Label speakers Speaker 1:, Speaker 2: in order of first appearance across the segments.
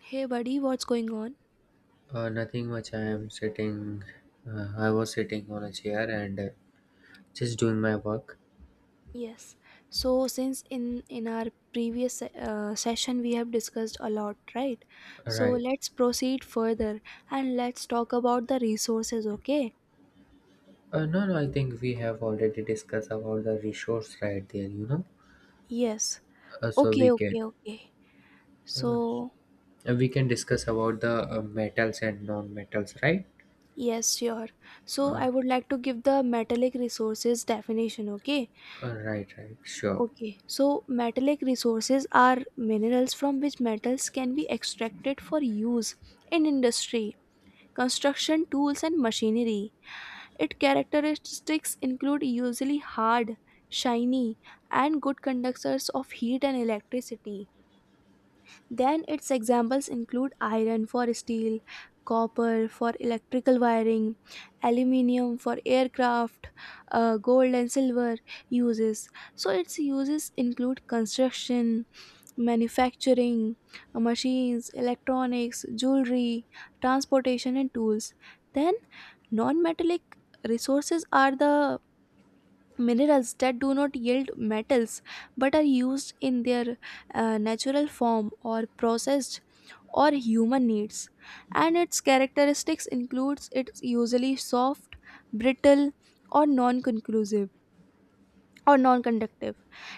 Speaker 1: Hey buddy, what's going on?
Speaker 2: Nothing much. I am sitting. I was sitting on a chair and just doing my work.
Speaker 1: Yes. So since in our previous session we have discussed a lot, right? So
Speaker 2: Right.
Speaker 1: let's proceed further and let's talk about the resources, okay?
Speaker 2: No, no, I think we have already discussed about the resource right there.
Speaker 1: Yes.
Speaker 2: So
Speaker 1: Okay, okay, okay. So
Speaker 2: uh, we can discuss about the metals and non-metals, right?
Speaker 1: yes, sure. So
Speaker 2: Uh,
Speaker 1: I would like to give the metallic resources definition, okay?
Speaker 2: right. Right. Sure.
Speaker 1: Okay. So metallic resources are minerals from which metals can be extracted for use in industry construction tools and machinery. Its characteristics include usually hard, shiny, and good conductors of heat and electricity. Then its examples include iron for steel, copper for electrical wiring, aluminium for aircraft, gold and silver uses. So its uses include construction, manufacturing, machines, electronics, jewelry, transportation and tools. Then non metallic resources are the minerals that do not yield metals but are used in their natural form or processed or human needs, and its characteristics includes it's usually soft, brittle, or non conclusive or non-conductive.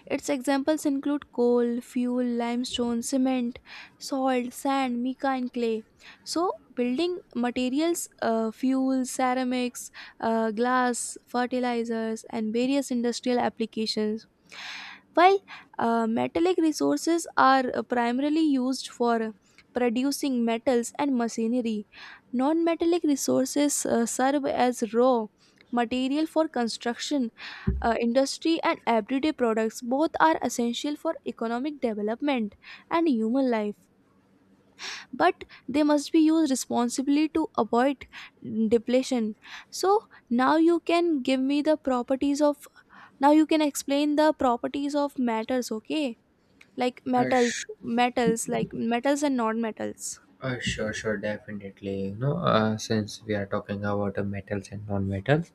Speaker 1: Its examples include coal, fuel, limestone, cement, salt, sand, mica, and clay. So, building materials, fuels, ceramics, glass, fertilizers, and various industrial applications. While metallic resources are primarily used for producing metals and machinery, non metallic resources serve as raw material for construction, industry and everyday products. Both are essential for economic development and human life, but they must be used responsibly to avoid depletion. So now you can give me the properties of, now you can explain the properties of matters, okay? Like
Speaker 2: Uh,
Speaker 1: metals,
Speaker 2: sh-
Speaker 1: metals, like metals and non-metals.
Speaker 2: sure, sure, definitely. Since we are talking about metals and non-metals,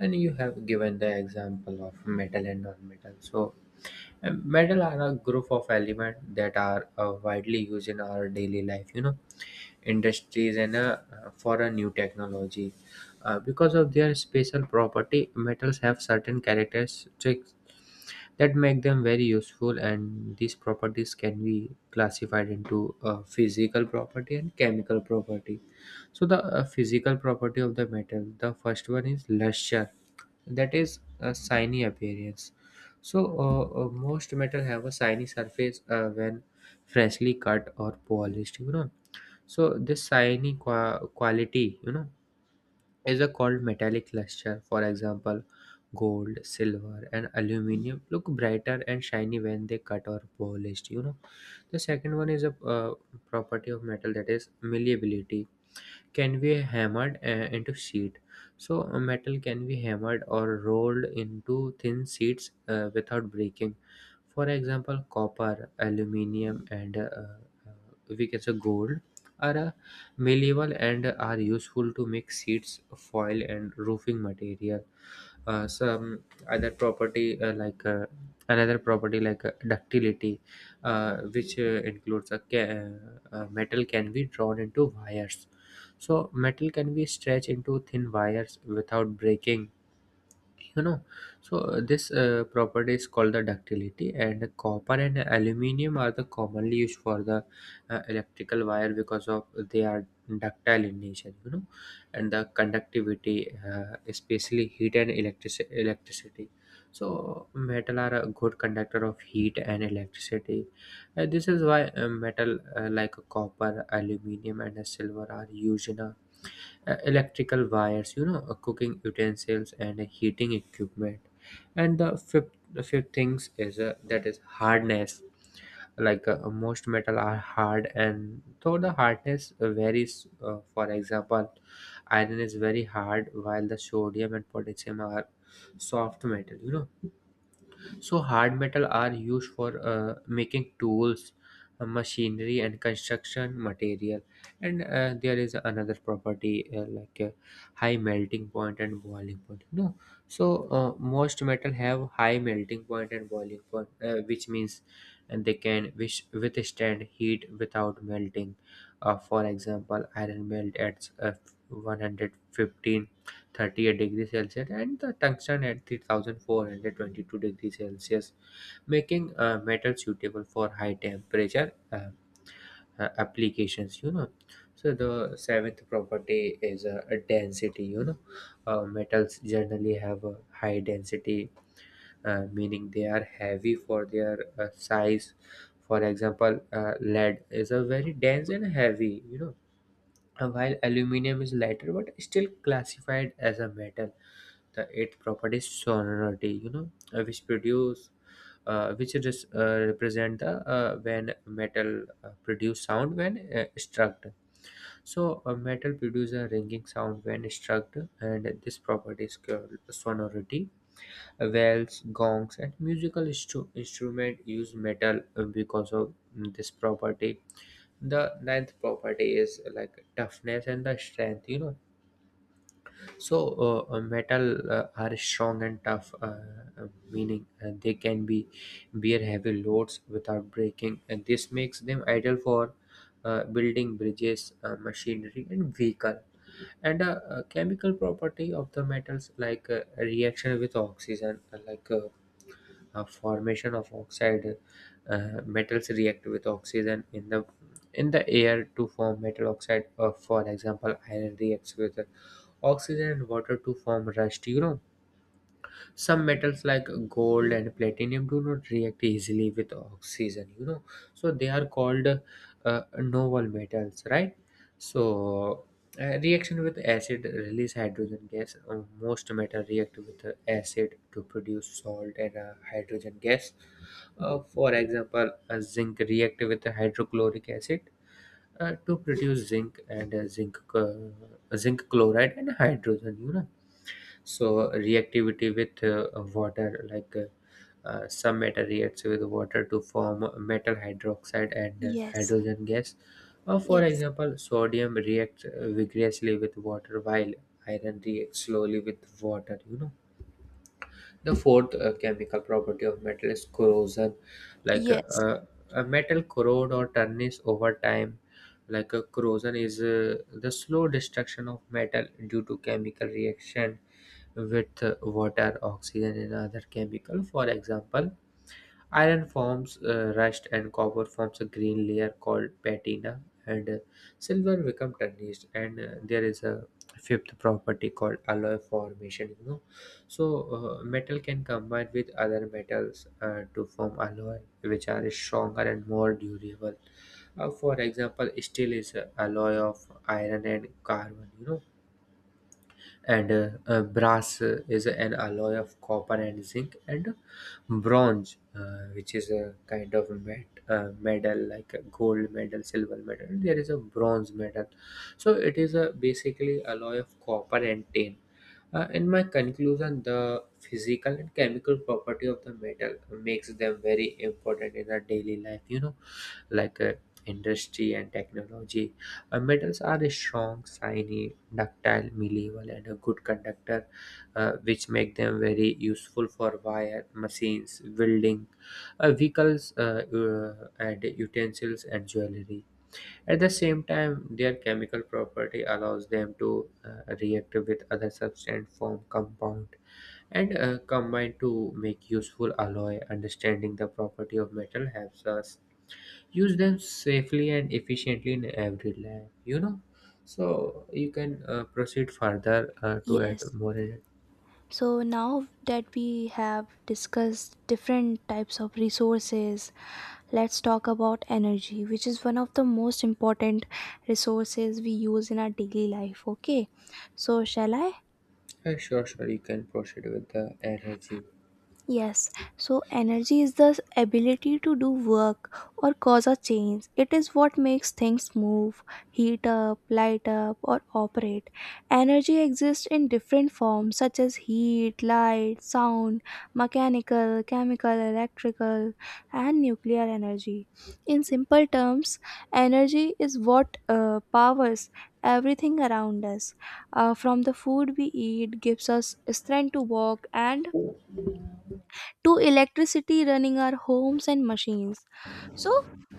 Speaker 2: and you have given the example of metal and non-metal, so metal are a group of elements that are widely used in our daily life, industries and for a new technology. Because of their special property, metals have certain characteristics that make them very useful, and these properties can be classified into physical property and chemical property. So, the physical property of the metal, the first one is luster, that is a shiny appearance. So most metal have a shiny surface when freshly cut or polished. So this shiny quality is a called metallic luster. For example, gold, silver, and aluminum look brighter and shiny when they cut or polished. The second one is a property of metal, that is malleability. Can be hammered into sheet. So metal can be hammered or rolled into thin sheets without breaking. For example, copper, aluminum, and we can say gold are malleable and are useful to make sheets, foil, and roofing material. Uh, some other property uh, like uh, another property like ductility, which includes a ca- metal can be drawn into wires. So metal can be stretched into thin wires without breaking you know so this property is called the ductility, and copper and aluminum are the commonly used for the electrical wire, because of they are ductile in nature. And the conductivity, especially heat and electricity. So metal are a good conductor of heat and electricity. This is why metal like copper, aluminum, and silver are used in a electrical wires, cooking utensils, and heating equipment. And the fifth things is that is hardness. Like, most metal are hard, and though the hardness varies, for example, iron is very hard while the sodium and potassium are soft metal. So hard metal are used for making tools, machinery, and construction material. And there is another property like high melting point and boiling point. No. So most metal have high melting point and boiling point, which means and they can wish withstand heat without melting. For example, iron melt at 115 38 degrees Celsius, and the tungsten at 3,422 degrees Celsius, making metal suitable for high temperature applications. So the seventh property is a density. Metals generally have a high density, meaning they are heavy for their size. For example, lead is a very dense and heavy. While aluminum is lighter but still classified as a metal. The eighth property is sonority, which is, represent the when metal produce sound when struck. So a metal produces a ringing sound when struck, and this property is called sonority. Bells, gongs, and musical instrument use metal, because of this property. The ninth property is like toughness and the strength. So metal are strong and tough, meaning they can be bear heavy loads without breaking, and this makes them ideal for building bridges, machinery, and vehicle. And chemical property of the metals, like reaction with oxygen, like formation of oxide, metals react with oxygen in the air to form metal oxide. For example, iron reacts with oxygen and water to form rusty you Some metals like gold and platinum do not react easily with oxygen, so they are called noble metals, right? So reaction with acid release hydrogen gas. Most metal react with acid to produce salt and hydrogen gas. For example, zinc react with hydrochloric acid, to produce zinc and zinc chloride and hydrogen. So reactivity with water, like, some metal reacts with water to form metal hydroxide and
Speaker 1: Yes,
Speaker 2: hydrogen gas. Or for
Speaker 1: yes,
Speaker 2: example, sodium reacts vigorously with water while iron reacts slowly with water. The fourth chemical property of metal is corrosion. Like,
Speaker 1: yes,
Speaker 2: a metal corrode or tarnish over time. Like, a corrosion is the slow destruction of metal due to chemical reaction with water, oxygen, and other chemical. For example, iron forms rust and copper forms a green layer called patina, and silver become tarnished. And there is a fifth property called alloy formation. So metal can combine with other metals to form alloy, which are stronger and more durable. For example, steel is a alloy of iron and carbon. And brass is an alloy of copper and zinc, and bronze, which is a kind of medal, like a gold medal, silver medal, there is a bronze medal, so it is a basically alloy of copper and tin. In my conclusion, the physical and chemical property of the metal makes them very important in our daily life, like industry and technology. Metals are a strong, shiny, ductile, malleable, and a good conductor, which make them very useful for wire, machines, welding, vehicles, and utensils and jewelry. At the same time, their chemical property allows them to react with other substance form compound and combine to make useful alloy. Understanding the property of metal helps us use them safely and efficiently in every lab. So you can proceed further to add
Speaker 1: yes.
Speaker 2: more energy.
Speaker 1: So now that we have discussed different types of resources, let's talk about energy, which is one of the most important resources we use in our daily life. Okay, so shall I?
Speaker 2: Sure, sure, you can proceed with the energy.
Speaker 1: Yes, so energy is the ability to do work or cause a change. It is what makes things move, heat up, light up, or operate. Energy exists in different forms such as heat, light, sound, mechanical, chemical, electrical, and nuclear energy. In simple terms, energy is what powers everything around us. From the food we eat gives us strength to walk and
Speaker 2: uh,
Speaker 1: to electricity running our homes and machines. So,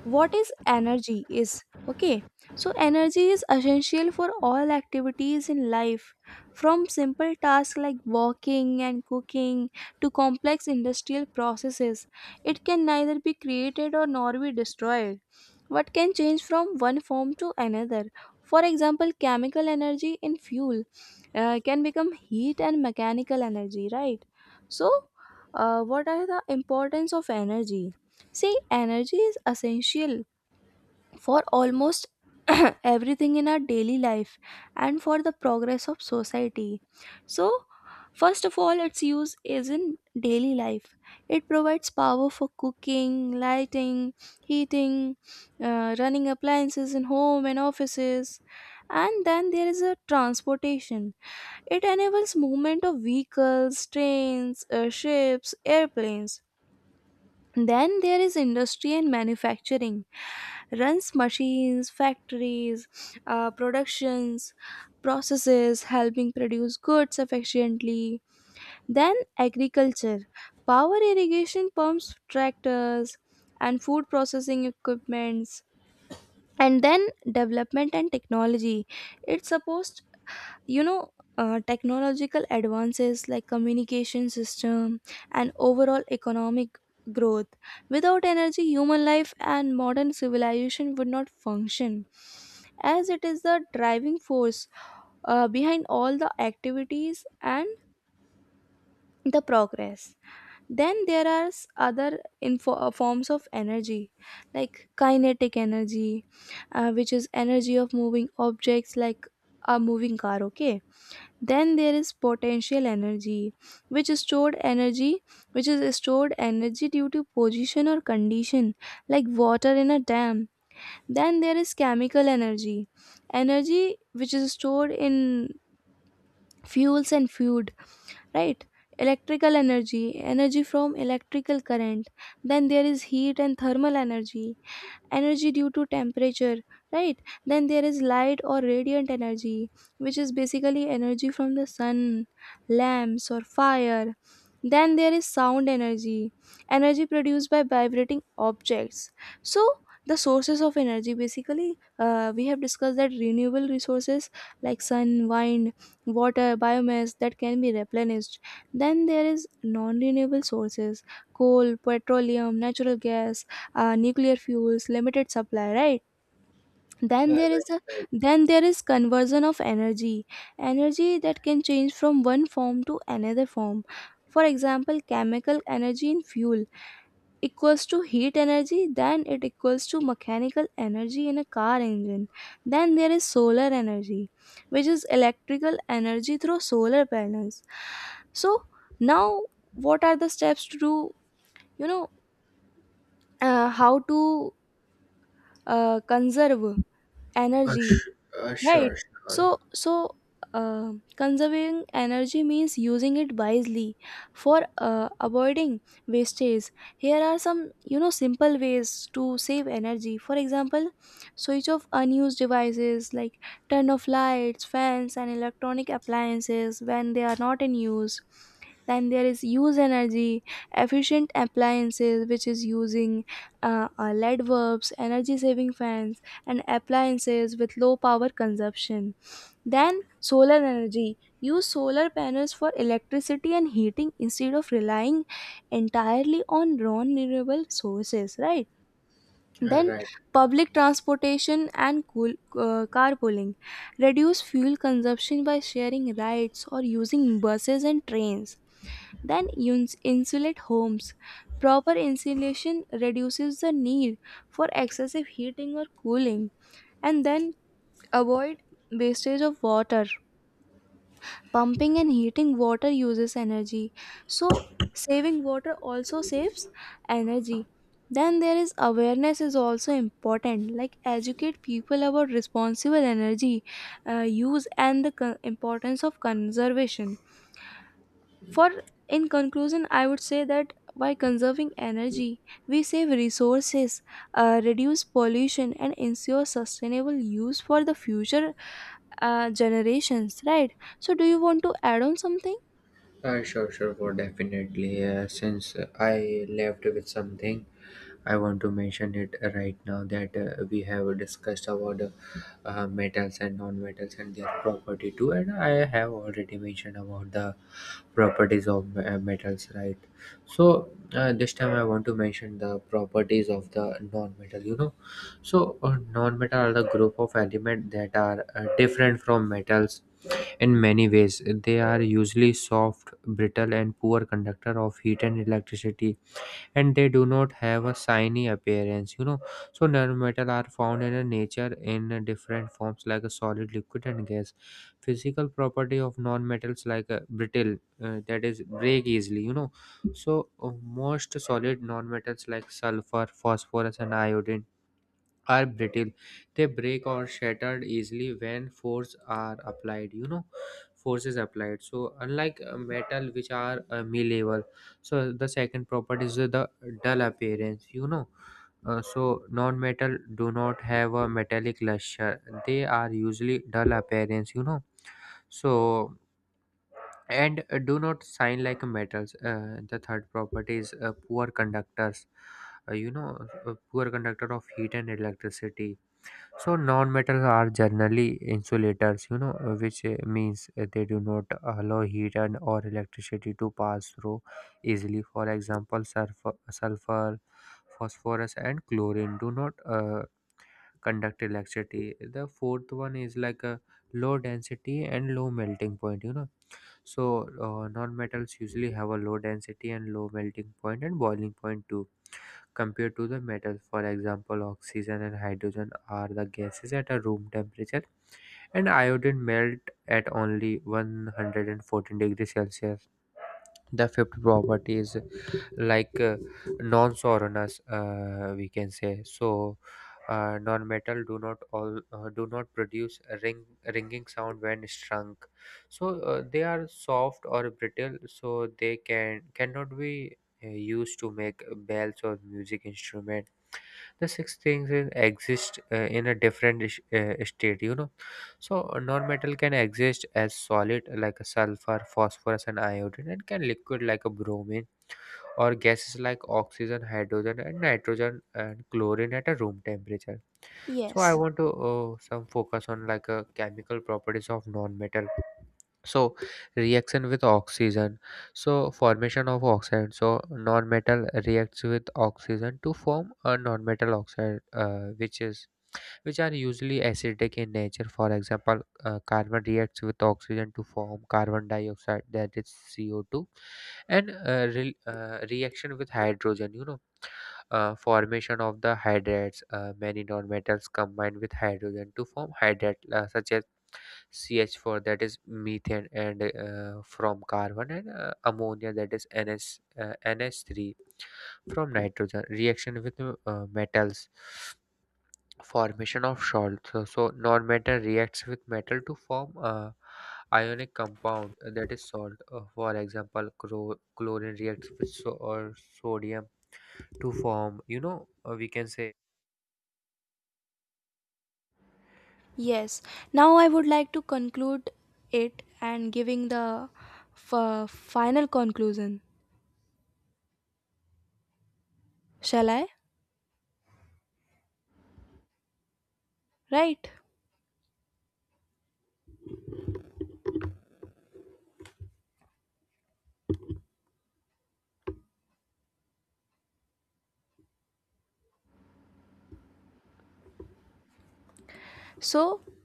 Speaker 1: what is energy? Is okay. So, energy is essential for all activities in life, from simple tasks like walking and cooking to complex industrial processes. It can neither be created or nor be destroyed. What can change from one form to another? For example, chemical energy in fuel can become heat and mechanical energy, right? So, what are the importance of energy? See, energy is essential for almost everything in our daily life and for the progress of society. So, first of all, its use is in daily life. It provides power for cooking, lighting, heating, running appliances in home and offices. And then there is a transportation. It enables movement of vehicles, trains, ships, airplanes. Then there is industry and manufacturing, runs machines, factories, productions processes, helping produce goods efficiently. Then agriculture, power irrigation pumps, tractors, and food processing equipments. And then development and technology, it supports, you know, technological advances like communication system and overall economic growth. Without energy, human life and modern civilization would not function, as it is the driving force behind all the activities and the progress. Then there are other forms of energy like kinetic energy, which is energy of moving objects like a moving car, okay? Then there is potential energy, which is stored energy, which is stored energy due to position or condition, like water in a dam. Then there is chemical energy, energy which is stored in fuels and food, right? Electrical energy, energy from electrical current. Then there is heat and thermal energy, energy due to temperature, right? Then there is light or radiant energy, which is basically energy from the sun, lamps or fire. Then there is sound energy, energy produced by vibrating objects. So the sources of energy, basically we have discussed that renewable resources like sun, wind, water, biomass, that can be replenished. Then there is non renewable sources, coal, petroleum, natural gas, nuclear fuels, limited supply, right? Then
Speaker 2: right,
Speaker 1: there is a,
Speaker 2: right.
Speaker 1: then there is conversion of energy, energy that can change from one form to another form. For example, chemical energy in fuel equals to heat energy, then it equals to mechanical energy in a car engine. Then there is solar energy, which is electrical energy through solar panels. So now, what are the steps to do? You know, how to conserve
Speaker 2: Uh,
Speaker 1: energy,
Speaker 2: sh-
Speaker 1: right?
Speaker 2: sure, sure.
Speaker 1: So conserving energy means using it wisely for avoiding wastage. Here are some, you know, simple ways to save energy. For example, switch off unused devices, like turn off lights, fans and electronic appliances when they are not in use. Then there is use energy efficient appliances, which is using LED bulbs, energy saving fans and appliances with low power consumption. Then solar energy, use solar panels for electricity and heating instead of relying entirely on non renewable sources, right? Then
Speaker 2: Right.
Speaker 1: public transportation and cool, carpooling. Reduce fuel consumption by sharing rides or using buses and trains. Then insulate homes. Proper insulation reduces the need for excessive heating or cooling. And then avoid wastage of water. Pumping and heating water uses energy, so saving water also saves energy. Then there is awareness is also important, like educate people about responsible energy use and the importance of conservation. For in conclusion, I would say that by conserving energy, we save resources, reduce pollution and ensure sustainable use for the future generations, right? So do you want to add on something?
Speaker 2: Sure, sure. For definitely. Since I left with something, I want to mention it right now that we have discussed about metals and non-metals and their property too, and I have already mentioned about the properties of metals, right? So this time I want to mention the properties of the non-metal. So non-metal are the group of elements that are different from metals in many ways. They are usually soft, brittle, and poor conductor of heat and electricity, and they do not have a shiny appearance. So nanometal are found in a nature in different forms like a solid, liquid, and gas. Physical property of non-metals, like a brittle, that is break easily. So most solid non-metals like sulfur, phosphorus, and iodine are brittle. They break or shattered easily when force are applied. Force is applied. So unlike metal, which are malleable, so the second property is the dull appearance. So non-metal do not have a metallic luster. They are usually dull appearance. So and do not shine like metals. The third property is poor conductors. Uh, you know, Poor conductor of heat and electricity. So non-metals are generally insulators, which means they do not allow heat and or electricity to pass through easily. For example, sulfur, phosphorus, and chlorine do not conduct electricity. The fourth one is like a low density and low melting point. So non-metals usually have a low density and low melting point and boiling point too compared to the metal. For example, oxygen and hydrogen are the gases at a room temperature, and iodine melt at only 114 degrees Celsius. The fifth property is like non-soreness, we can say. So non-metal do not produce a ringing sound when shrunk. So they are soft or brittle, so they cannot be used to make bells or music instrument. The six things exist in a different state. So non-metal can exist as solid like a sulfur, phosphorus, and iodine, and can liquid like a bromine, or gases like oxygen, hydrogen, and nitrogen, and chlorine at a room temperature. So I
Speaker 1: Yes,
Speaker 2: want to some focus on like a chemical properties of non-metal. So reaction with oxygen, so formation of oxide. So non-metal reacts with oxygen to form a non-metal oxide, which are usually acidic in nature. For example, carbon reacts with oxygen to form carbon dioxide, that is CO2. And reaction with hydrogen. Formation of the hydrates. Many non-metals combine with hydrogen to form hydrate, such as CH4, that is methane, and from carbon, and ammonia, that is NS uh, NH3, from nitrogen. Reaction with metals, formation of salt. So non-metal reacts with metal to form ionic compound, that is salt. For example, chlorine reacts with or sodium to form, we can say.
Speaker 1: yes. Now I would like to conclude it and giving the final conclusion. Shall I? Right. So